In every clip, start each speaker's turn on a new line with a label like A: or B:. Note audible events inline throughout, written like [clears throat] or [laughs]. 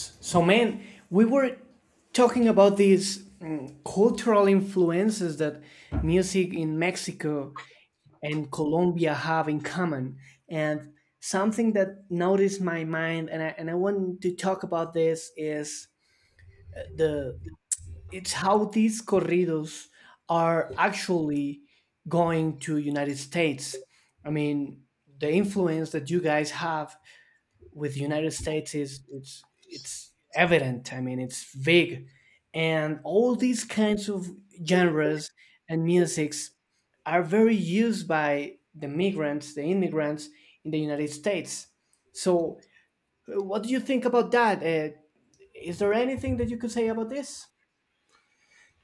A: So, man, we were talking about these cultural influences that music in Mexico and Colombia have in common. And something that noticed my mind, and I want to talk about this, is the it's how these corridos are actually going to United States. I mean, the influence that you guys have with the United States is it's evident. I mean, it's big, and all these kinds of genres and musics are very used by the migrants, the immigrants in the United States. So, what do you think about that? Is there anything that you could say about this?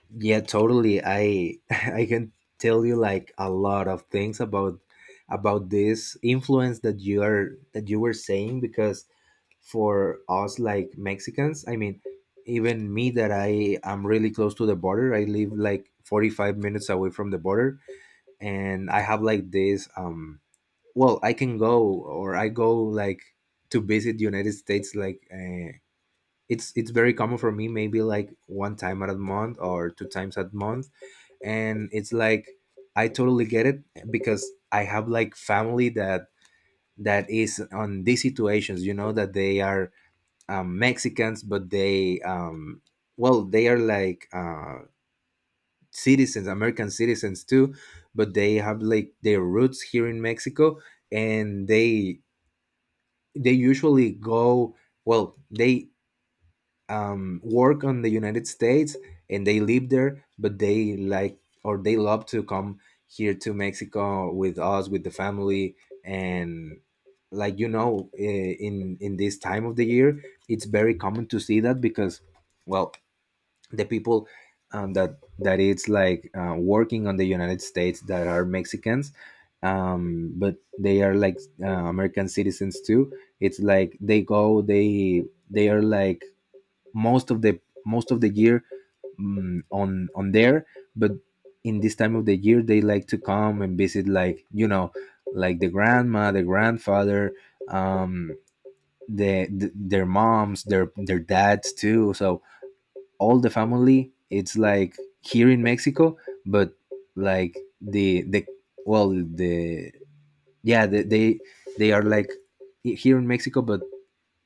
B: Yeah, totally. I [laughs] I can tell you like a lot of things about this influence that you were saying, because for us, like Mexicans, I mean, even me, that I am really close to the border. I live like 45 minutes away from the border, and I have like this, well, I can go, or I go like to visit the United States, like, it's very common for me, maybe like one time at a month or two times a month. And it's like, I totally get it, because I have like family that is on these situations, you know, that they are, Mexicans, but they, well, they are like, citizens American citizens too, but they have like their roots here in Mexico. And they usually go, well, they, work on the United States, and they live there, but they like, or they love to come here to Mexico with us, with the family. And like, you know, in this time of the year, it's very common to see that because, well, the people, that it's like, working on the United States, that are Mexicans. But they are like, American citizens too. It's like they go, they are like most of the, most of the year, on there. But in this time of the year, they like to come and visit, like you know, like the grandma, the grandfather, um their moms, their dads too. So all the family it's like here in Mexico. But like the, well, the, yeah, the, they are like here in Mexico, but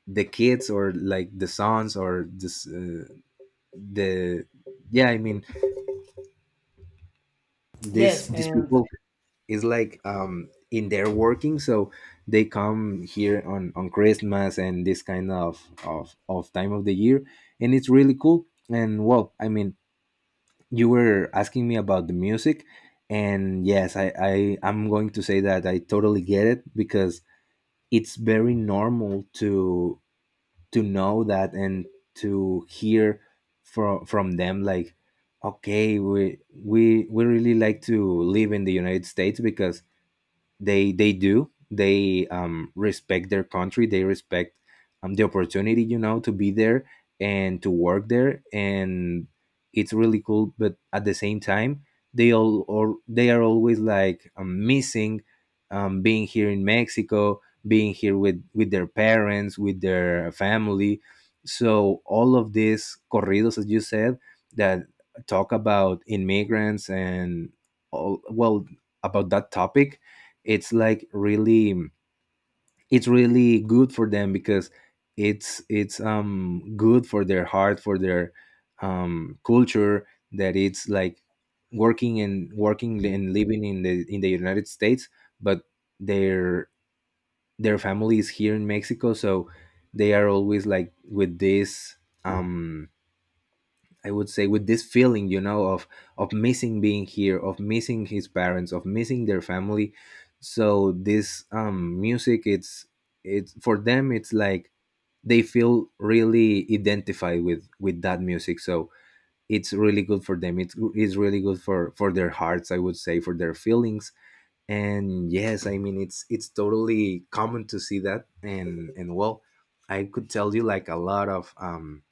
B: the kids, or like the sons, or this, the, yeah, I mean, this
A: Yes,
B: these
A: and
B: people is like, in their working. So they come here on Christmas, and this kind of time of the year. And it's really cool. And well, I mean, you were asking me about the music, and yes, I'm going to say that I totally get it, because it's very normal to know that, and to hear from them, like, okay, we really like to live in the United States, because they do, they, respect their country, they respect, the opportunity, you know, to be there and to work there. And it's really cool, but at the same time, they all, or they are always like, missing, being here in Mexico, being here with their parents, with their family. So all of these corridos, as you said, that talk about immigrants and all, well, about that topic, it's like really, it's really good for them, because it's, good for their heart, for their, culture, that it's like working and working and living in the United States. But their their family is here in Mexico, so they are always like with this, um I would say, with this feeling, you know, of missing being here, of missing his parents, of missing their family. So this, music, it's for them, it's like, they feel really identified with that music. So it's really good for them. It's really good for their hearts, I would say, for their feelings. And yes, I mean, it's totally common to see that. And well, I could tell you like a lot of,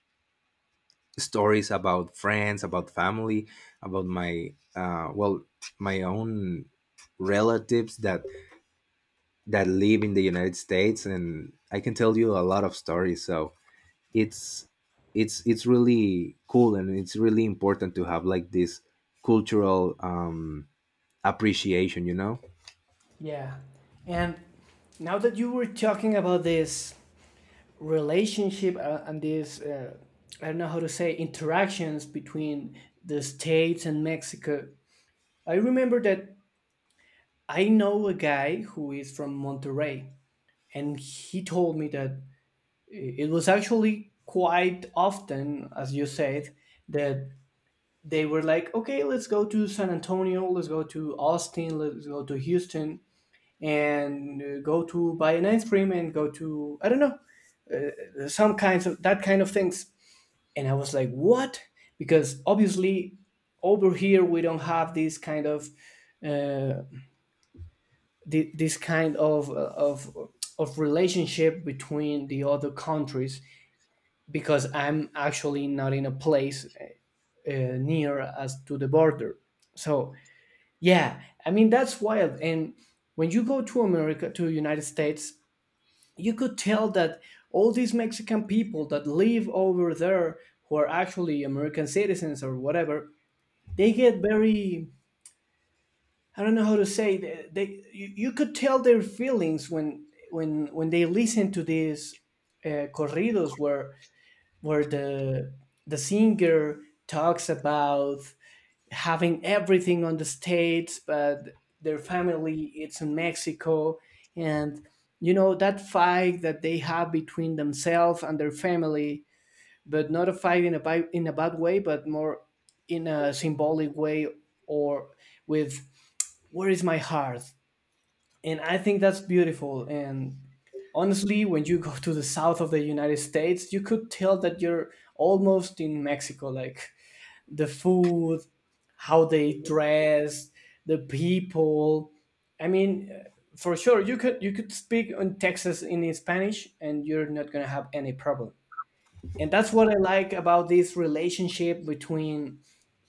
B: stories about friends, about family, about my, well, my own relatives that live in the United States, and I can tell you a lot of stories. So it's, it's really cool, and it's really important to have like this cultural, appreciation. You know,
A: yeah, and now that you were talking about this relationship and these I don't know how to say interactions between the states and Mexico. I remember that I know a guy who is from Monterrey, and he told me that it was actually quite often, as you said, that they were like, okay, let's go to San Antonio, let's go to Austin, let's go to Houston, and go to buy an ice cream and go to I don't know some kinds of that kind of things and I was like, "What?" Because obviously, over here we don't have this kind of uh, this kind of of relationship between the other countries because I'm actually not in a place near as to the border. So yeah, I mean that's wild. And when you go to America, to United States, you could tell that all these Mexican people that live over there who are actually American citizens or whatever, they get very I don't know how to say they you could tell their feelings when they listen to these corridos where the singer talks about having everything on the states but their family it's in Mexico and you know that fight that they have between themselves and their family but not a fight in in a bad way but more in a symbolic way or with where is my heart? And I think that's beautiful. And honestly, when you go to the south of the United States, you could tell that you're almost in Mexico. Like the food, how they dress, the people. I mean, for sure, you could speak in Texas in Spanish, and you're not gonna have any problem. And that's what I like about this relationship between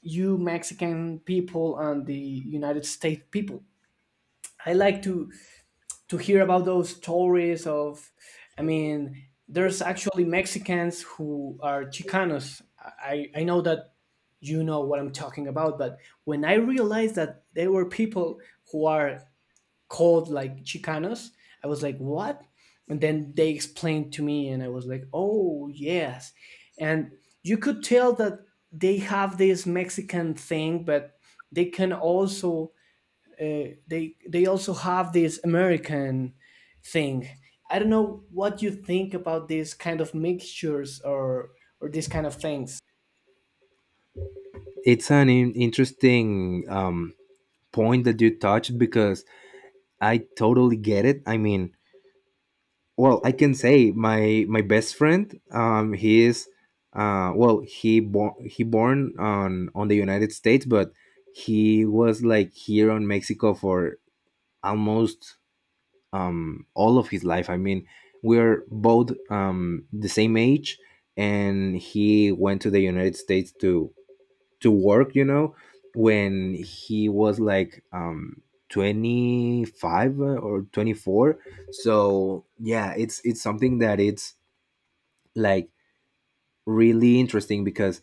A: you Mexican people and the United States people. I like to hear about those stories of I mean there's actually Mexicans who are chicanos. I know that you know what I'm talking about, but when I realized that there were people who are called like chicanos, I was like, what? And then they explained to me and I was like, oh yes. And you could tell that they have this Mexican thing but they can also they also have this American thing. I don't know what you think about these kind of mixtures or these kind of things.
B: it's an interesting, point that you touched, because I totally get it. I mean, well, I can say my best friend, he is, well, he born on the United States, but he was like here on Mexico for almost, all of his life. I mean, we're both, the same age, and he went to the United States to work, you know, when he was like, 25, or 24. So yeah, it's something that it's like really interesting, because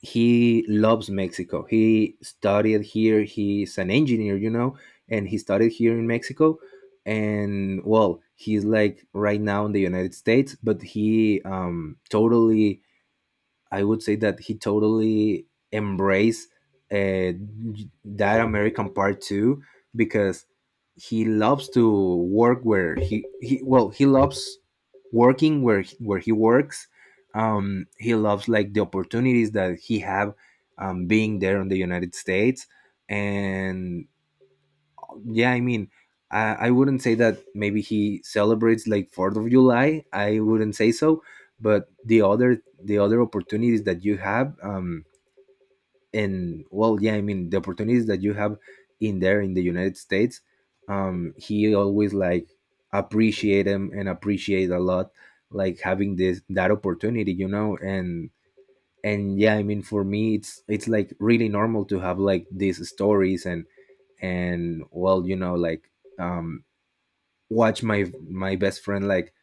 B: he loves Mexico, he studied here, he's an engineer, you know. And he studied here in Mexico, and well, he's like right now in the United States, but he, totally, I would say that he totally embraced, uh, that American part too, because he loves to work where he, well, he loves working where where he works. He loves like the opportunities that he have, being there in the United States. And yeah, I mean, I wouldn't say that maybe he celebrates like Fourth of July, I wouldn't say so, but the other, the other opportunities that you have, and well, yeah, I mean, the opportunities that you have in there in the United States, he always like appreciate them and appreciate a lot, like having this that opportunity, you know. And yeah, I mean, for me it's like really normal to have like these stories. And well, you know, like, um watch my best friend, like,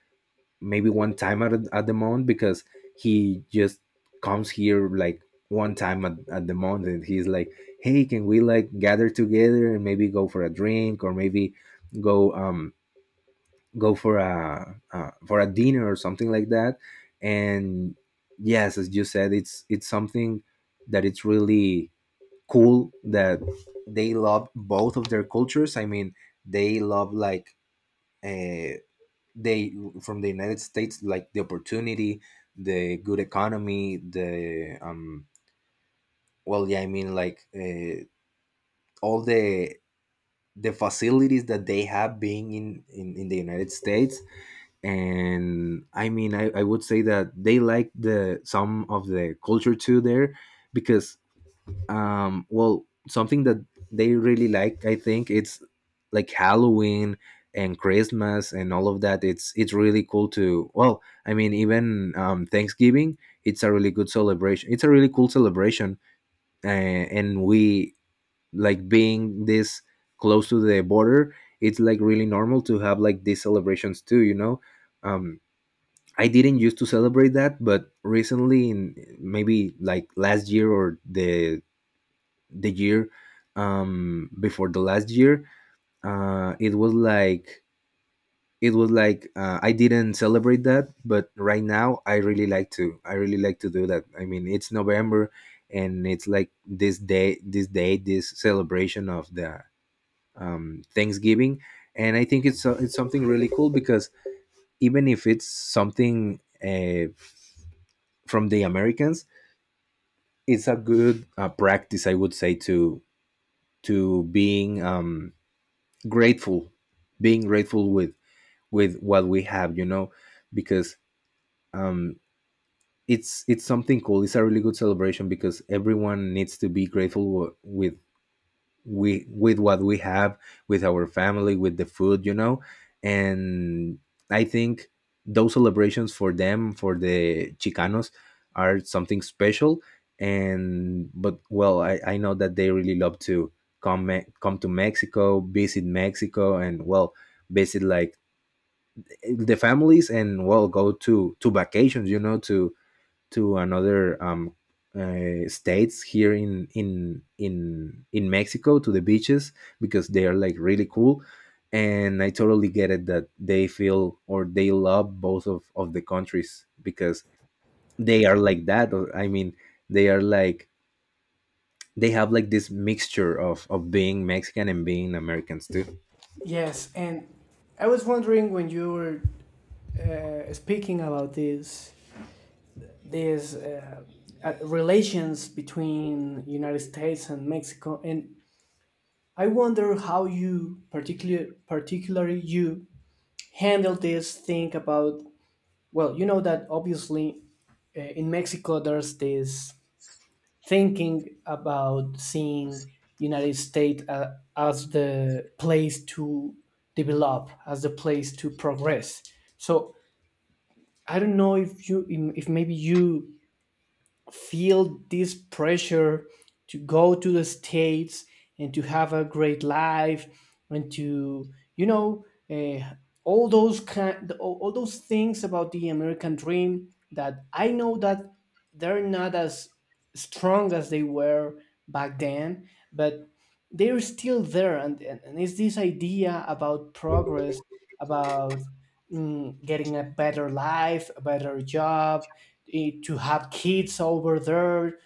B: maybe one time at, at the month, because he just comes here like one time at the month, and he's like, hey, can we like gather together and maybe go for a drink, or maybe go, go for a, dinner, or something like that. And yes, as you said, it's something that it's really cool, that they love both of their cultures, I mean, they love like, uh, they, from the United States, like the opportunity, the good economy, the, well, yeah, I mean, like, all the facilities that they have being in the United States. And I mean, I would say that they like the, some of the culture too there, because, well, something that they really like, I think it's like Halloween and Christmas and all of that. It's really cool to, well, I mean, even, Thanksgiving, it's a really good celebration, it's a really cool celebration. And we, like being this close to the border, it's like really normal to have like these celebrations too, you know. um I didn't used to celebrate that, but recently, in maybe like last year, or the year, before the last year, it was like, it was like, I didn't celebrate that, but right now I really like to, I really like to do that. I mean, it's November, and it's like this day, this day, this celebration of the, Thanksgiving. And I think it's it's something really cool, because, even if it's something, from the Americans, it's a good, practice, I would say, to being, grateful, being grateful with what we have, you know. Because, um it's something cool, it's a really good celebration, because everyone needs to be grateful with, we with what we have, with our family, with the food, you know. And I think those celebrations for them, for the chicanos, are something special. And but well, I know that they really love to come to Mexico, visit Mexico, and well, visit like the families, and well, go to vacations, you know, to another, states here in Mexico, to the beaches, because they are like really cool. And I totally get it that they feel, or they love both of the countries, because they are like that. Or, I mean, they are like, they have like this mixture of being Mexican and being Americans too.
A: Yes, and I was wondering when you were speaking about this these relations between United States and Mexico, and I wonder how you particularly you handle this thing about well, you know that obviously in Mexico there's this thinking about seeing United States as the place to develop, as the place to progress. So I don't know if maybe you feel this pressure to go to the states and to have a great life and to you know all those kind all those things about the American dream that I know that they're not as strong as they were back then but they're still there and it's this idea about progress about getting a better life a better job, to have kids over there,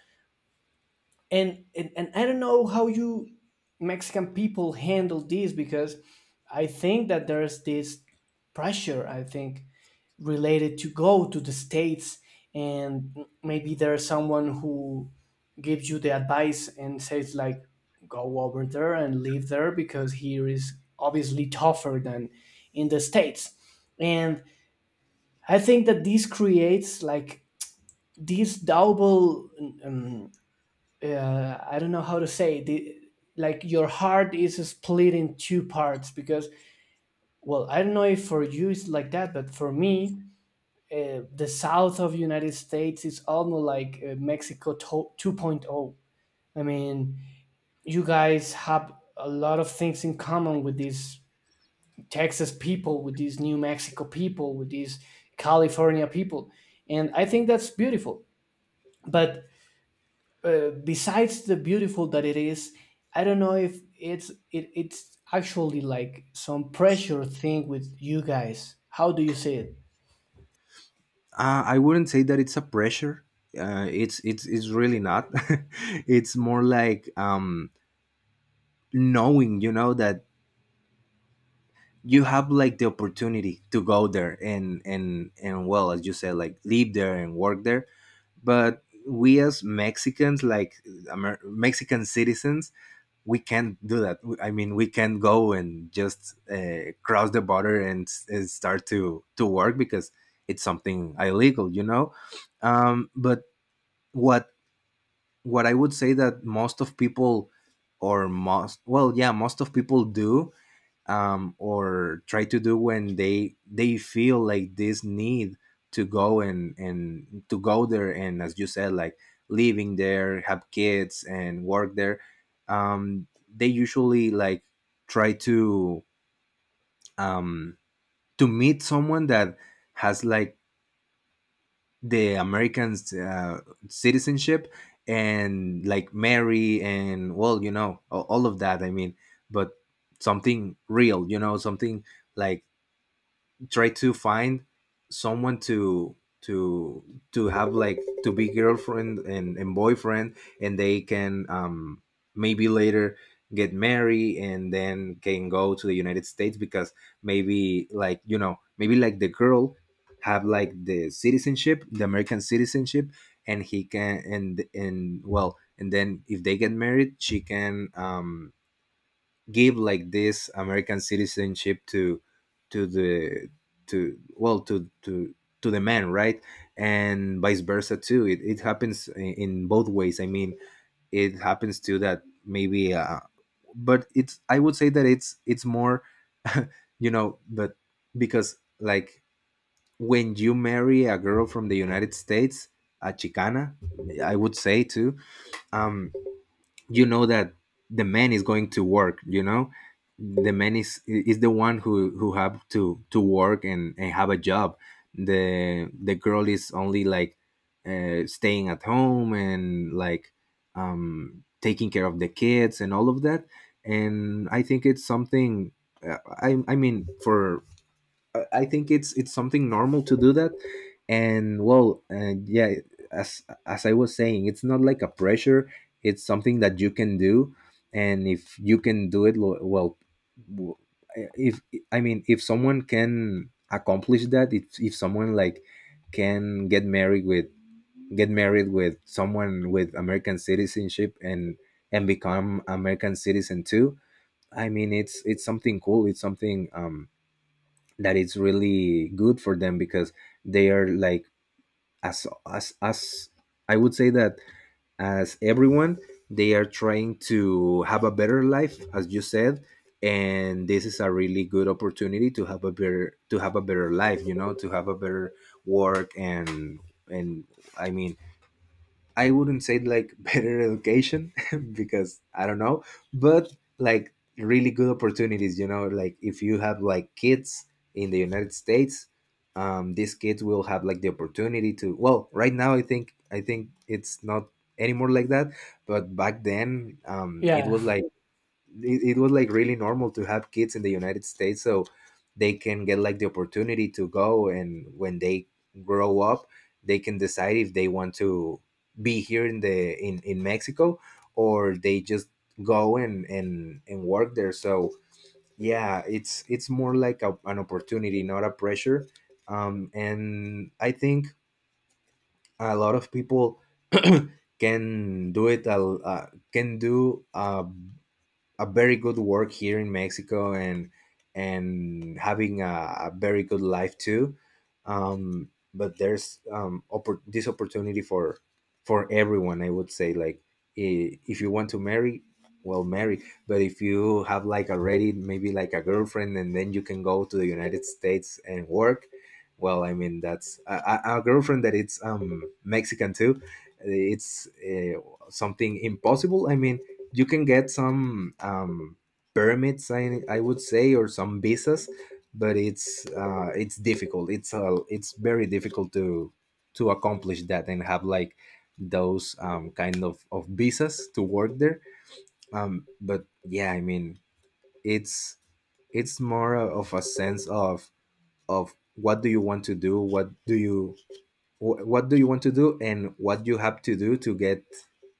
A: and I don't know how you Mexican people handle this because I think that there's this pressure I think related to go to the states and maybe there's someone who gives you the advice and says like, go over there and live there because here is obviously tougher than in the states. And I think that this creates like these double um, I don't know how to say the like your heart is split in two parts because well I don't know if for you it's like that but for me the south of United States is almost like Mexico 2.0. I mean you guys have a lot of things in common with these Texas people with these New Mexico people with these California people and I think that's beautiful but besides the beautiful that it is I don't know if it's actually like some pressure thing with you guys. How do you see it?
B: I wouldn't say that it's a pressure. It's it's really not. [laughs] It's more like knowing, you know, that you have like the opportunity to go there and well, as you said, like live there and work there. But we as Mexicans, like Mexican citizens, we can't do that. I mean, we can't go and just cross the border and start to work because it's something illegal, you know. But what what I would say that most of people, or most well yeah most of people do, or try to do when they feel like this need to go and to go there and, as you said, like living there, have kids and work there. um, they usually like try to, um, to meet someone that has like the Americans citizenship, and like marry and, well, you know, all of that. I mean, but something real, you know, something like try to find someone to to to have like, to be girlfriend and boyfriend, and they can, maybe later get married, and then can go to the United States because maybe, like, you know, maybe like the girl have like the citizenship, the American citizenship, and he can, and well, and then if they get married, she can, give like this American citizenship to the to well to the man, right? And vice versa too. It happens in both ways, I mean. It happens too that maybe but it's, I would say that it's more [laughs] you know. But because, like, when you marry a girl from the United States, a Chicana, I would say too, um you know that the man is going to work, you know. The man is the one who have to work and have a job. The girl is only like, staying at home and like, taking care of the kids and all of that. And I think it's something, I mean, for I think it's something normal to do that. And well, yeah, as as I was saying, it's not like a pressure. It's something that you can do, and if you can do it, well, w- if, I mean, if someone can accomplish that, if someone like can get married with, get married with someone with American citizenship, and become American citizen too. I mean, it's something cool. It's something, that it's really good for them because they are like, as I would say that, as everyone, they are trying to have a better life, as you said. And this is a really good opportunity to have a better, to have a better life, you know, to have a better work, and I mean, I wouldn't say like [laughs] better education [laughs] because I don't know, but like really good opportunities. You know, like if you have like kids in the United States, these kids will have like the opportunity to. Well, right now I think, it's not anymore like that, but back then, it
A: Yeah,
B: was like it was like really normal to have kids in the United States, so they can get like the opportunity to go. And when they grow up, they can decide if they want to be here in in Mexico, or they just go and work there. So yeah, it's more like a, an opportunity, not a pressure. And I think a lot of people [clears throat] can do it, a, can do a very good work here in Mexico, and having a very good life too. But there's, this opportunity for everyone. I would say like, if you want to marry, well, marry. But if you have like already maybe like a girlfriend, and then you can go to the United States and work. Well, I mean, that's a girlfriend that it's, Mexican too. It's something impossible. I mean, you can get some, permits, I would say, or some visas, but it's difficult. It's very difficult to accomplish that and have like those, kind of visas to work there. But yeah, I mean, it's more of a sense of what do you want to do, what do you, what do you want to do, and what you have to do to get,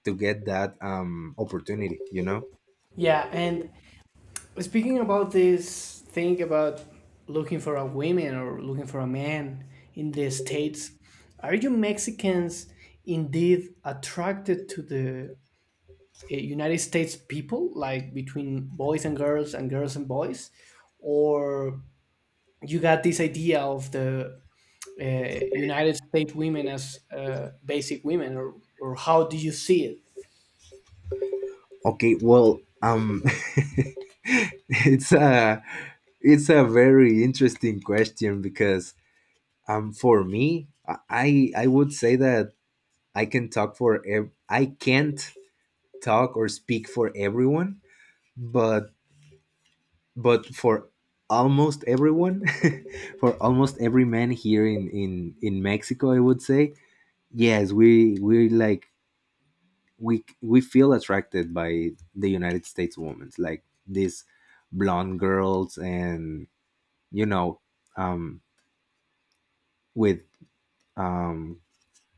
B: to get that, opportunity. You know.
A: yeah, and speaking about this thing about looking for a woman or looking for a man in the states, are you Mexicans indeed attracted to the United States people like between boys and girls and girls and boys, or you got this idea of the United States women as basic women, or how do you see it?
B: Okay, well, [laughs] it's a, it's a very interesting question because, for me, I would say that I can talk for, I can't talk or speak for everyone, but but for almost everyone, [laughs] for almost every man here in in Mexico, I would say yes, we like, we feel attracted by the United States women, like these blonde girls, and you know, um, with um,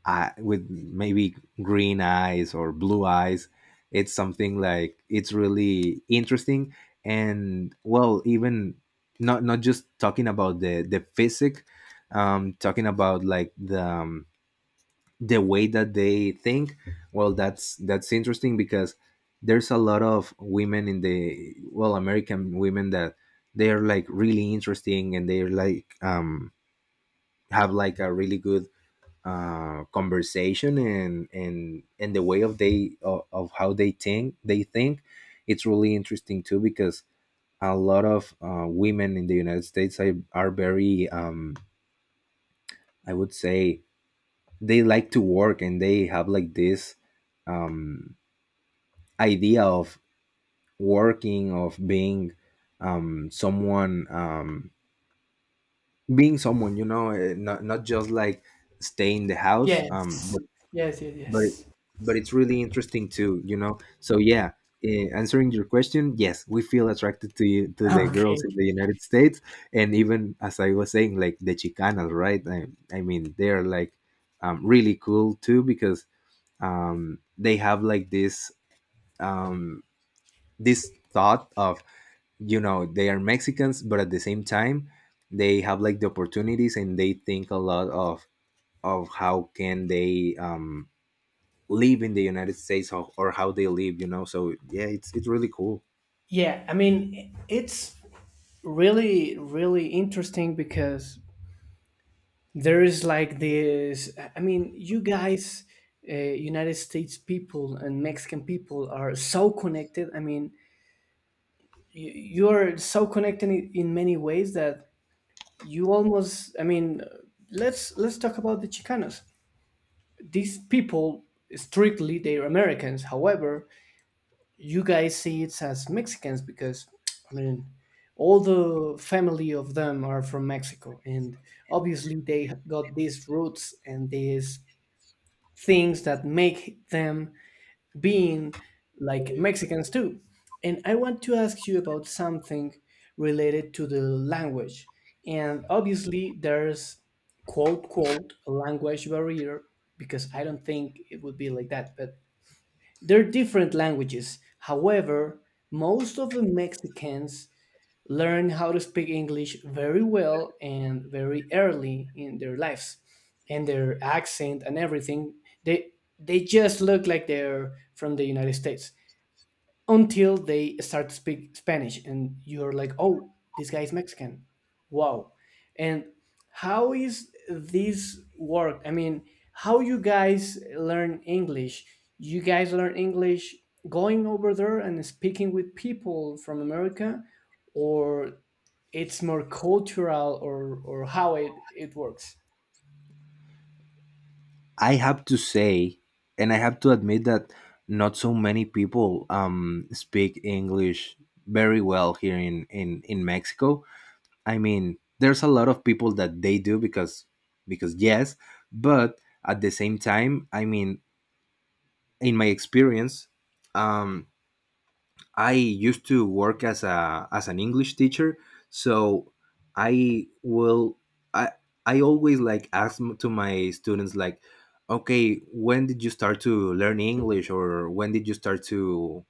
B: eye, with maybe green eyes or blue eyes. It's something like, it's really interesting, and well, even not just talking about the physic, talking about like the, the way that they think. Well, that's interesting because there's a lot of women in the, well, American women, that they are like really interesting, and they're like, have like a really good conversation, and the way of they, of how they think. It's really interesting too because a lot of women in the United States are very, I would say, they like to work, and they have like this, um, idea of working, of being, someone being someone, you know. Not just like stay in the house,
A: Yes.
B: but,
A: Yes, yes,
B: but
A: yes.
B: but it's really interesting too, you know. So yeah, answering your question, yes, we feel attracted to the girls
A: Okay.
B: in the United States. And even, as I was saying, like the Chicanas, right? I mean, they're like, really cool too because, they have like this um, this thought of, you know, they are Mexicans, but at the same time they have like the opportunities, and they think a lot of how can they, live in the United States, or how they live, you know. So yeah, it's really cool.
A: Yeah, I mean, it's really, really interesting because there is like this. I mean, you guys, United States people and Mexican people, are so connected. I mean, you are so connected in many ways that you almost I mean let's talk about the chicanos. These people strictly they're Americans, however you guys see it as Mexicans because I mean all the family of them are from Mexico and obviously they have got these roots and these things that make them being like Mexicans too. And I want to ask you about something related to the language. And obviously, there's quote, quote, a language barrier, because I don't think it would be like that, but they're different languages. However, most of the Mexicans learn how to speak English very well and very early in their lives and their accent and everything. They they just look like they're from the United States until they start to speak Spanish and you're like, oh, this guy is Mexican. Wow. And how is this work? I mean, how you guys learn English? You guys learn English going over there and speaking with people from America or it's more cultural or how it works.
B: I have to say, and I have to admit that not so many people, speak English very well here in in Mexico. I mean, there's a lot of people that they do because yes, but at the same time, I mean, in my experience, um, I used to work as a, as an English teacher, so I will I I always like ask, to my students like, okay, when did you start to learn English, or when did you start to,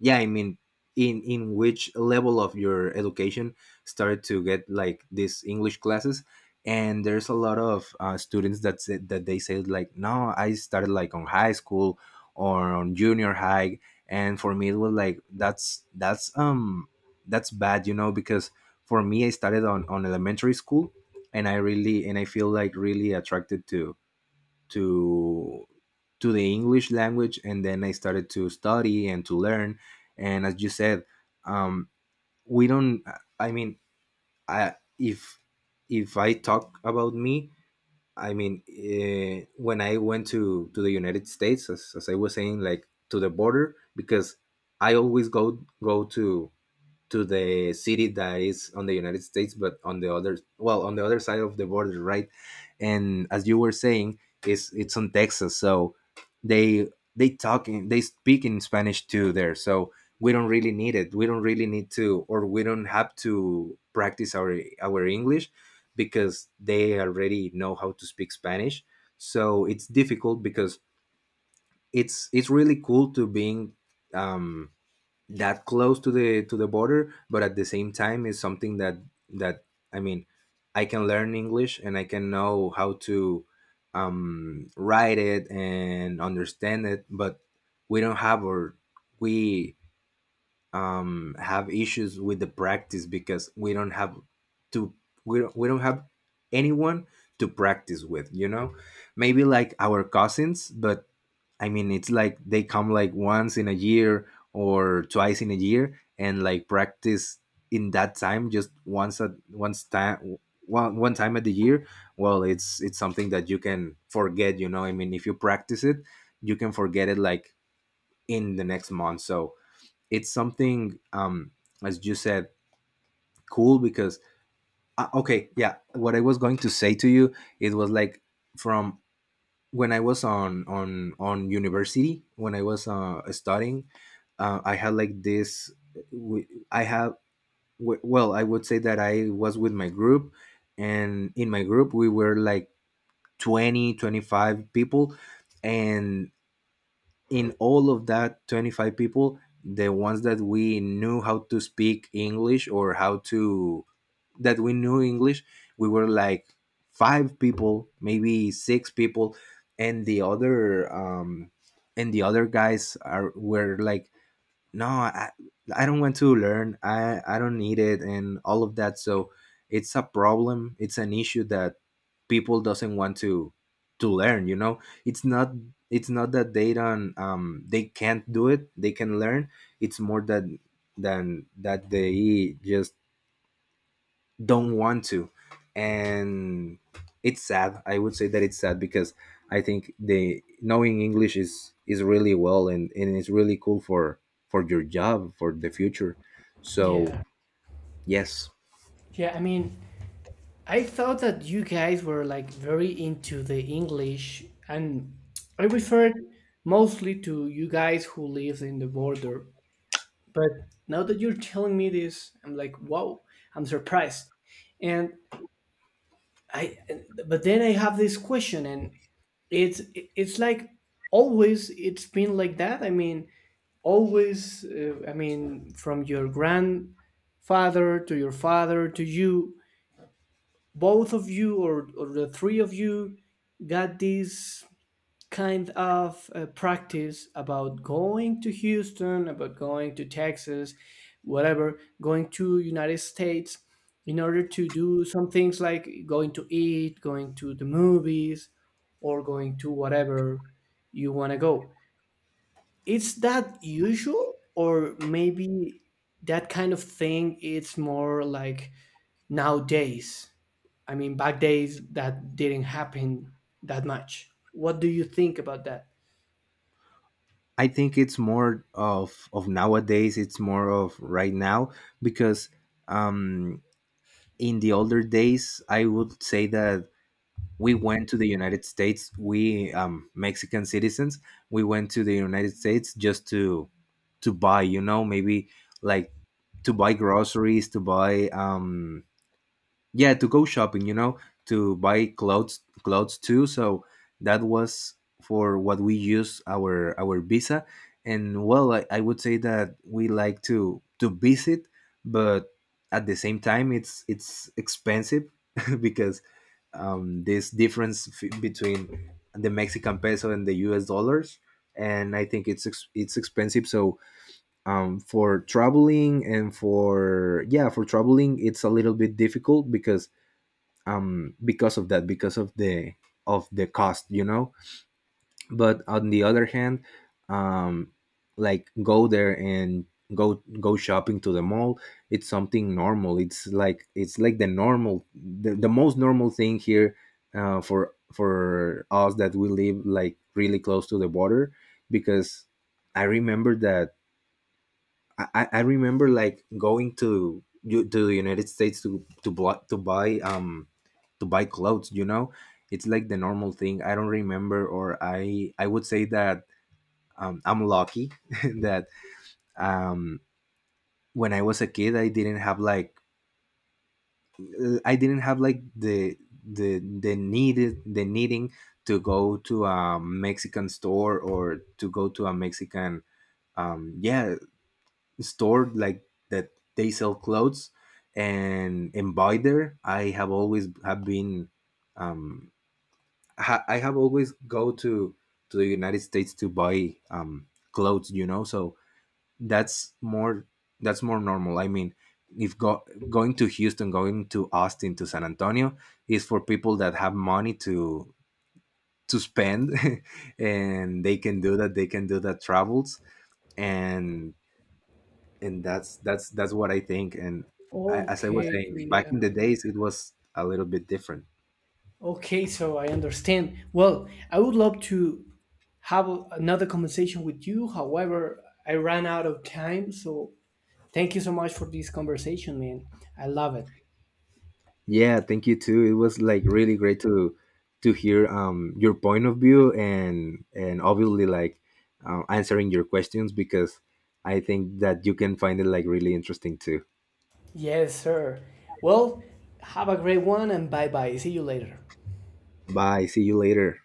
B: yeah, I mean, in which level of your education started to get like these English classes? And there's a lot of students that said that they said like, no, I started like on high school, or on junior high. And for me it was like, that's, that's bad, you know, because for me, I started on elementary school, and I really, and I feel like really attracted to to the English language, and then I started to study and to learn. And as you said, um we don't I mean I if if I talk about me, I mean, when I went to the United States, as I was saying, like to the border, because I always go, go to to the city that is on the United States, but on the other, well, on the other side of the border, right? And as you were saying, is it's on Texas, so they, they speak in Spanish too there. So we don't really need it. We don't really need to, or we don't have to practice our English because they already know how to speak Spanish. So it's difficult because it's really cool to being, um, that close to the, to the border, but at the same time is something that, that I mean I can learn English, and I can know how to, write it and understand it, but we don't have, or we have issues with the practice because we don't have to, we don't have anyone to practice with, you know. Maybe like our cousins, but I mean, it's like they come like once in a year, or twice in a year, and like practice in that time, just once at once time one, one time at the year. Well, it's something that you can forget, you know. I mean, if you practice it, you can forget it like in the next month. So it's something, as you said, cool because, okay, yeah, what I was going to say to you, it was like, from when I was on, on university, when I was, studying, I had like this, w- i have well, I would say that I was with my group, and in my group we were like 20, 25 people. And in all of that 25 people, the ones that we knew how to speak English, or how to, that we knew english we were like five people, maybe six people. And the other, guys are were like, no, I don't want to learn, I don't need it, and all of that. So it's a problem, it's an issue that people doesn't want to learn, you know. It's not, it's not that they don't they can't do it, they can learn. It's more that, than that they just don't want to. And it's sad, I would say that it's sad because I think the knowing English is really well, and it's really cool for your job, for the future. So
A: Yeah.
B: yes,
A: Yeah, I mean I thought that you guys were like very into the English, and I referred mostly to you guys who live in the border. But now that you're telling me this, I'm like, wow, I'm surprised. And I, but then I have this question, and it's like always it's been like that. I mean, always. I mean, from your grandfather to your father to you both of you or the three of you got this kind of practice about going to Houston about going to Texas whatever going to United States in order to do some things like going to eat going to the movies or going to whatever you want to go. Is that usual or maybe that kind of thing it's more like nowadays. I mean, back days that didn't happen that much. What do you think about that?
B: I think it's more of nowadays, it's more of right now because, um in the older days, I would say that we went to the United States. We, Mexican citizens, we went to the United States just to buy. You know, maybe like to buy groceries, to buy, yeah, to go shopping, you know, to buy clothes, clothes too. So that was for what we use our visa. And well, I would say that we like to visit, but at the same time it's expensive [laughs] because, this difference, between the Mexican peso and the US dollars, and I think it's, it's expensive. So, for traveling, and for yeah for traveling, it's a little bit difficult because, because of that, because of the, of the cost, you know. But on the other hand, um, like go there and, go shopping to the mall. It's something normal. It's like, it's like the normal, the most normal thing here, for us that we live like really close to the border, because I remember that I remember like going to, you to the United States, to buy, to buy, clothes. You know, it's like the normal thing. I don't remember, or I would say that, I'm lucky [laughs] that, um when I was a kid, I didn't have like, I didn't have like the, the needed the needing to go to a Mexican store, or to go to a Mexican, um yeah store like that they sell clothes, and buy there. I have always have been, um I have always go to the United States to buy, clothes, you know. So that's more, that's more normal. I mean, if go, going to Houston, going to Austin, to San Antonio, is for people that have money to spend [laughs] and they can do that, they can do that travels. And and that's, that's what I think. And I, as I was
A: Okay,
B: saying,
A: yeah.
B: back in the days, it was a little bit different.
A: Okay, so I understand. Well, I would love to have another conversation with you. However, I ran out of time, so thank you so much for this conversation, man. I love it.
B: Yeah, thank you too. It was like really great to hear, your point of view, and obviously, like, answering your questions because I think that you can find it like really interesting too.
A: Yes, sir. Well, have a great one and bye bye. See you later.
B: Bye. See you later.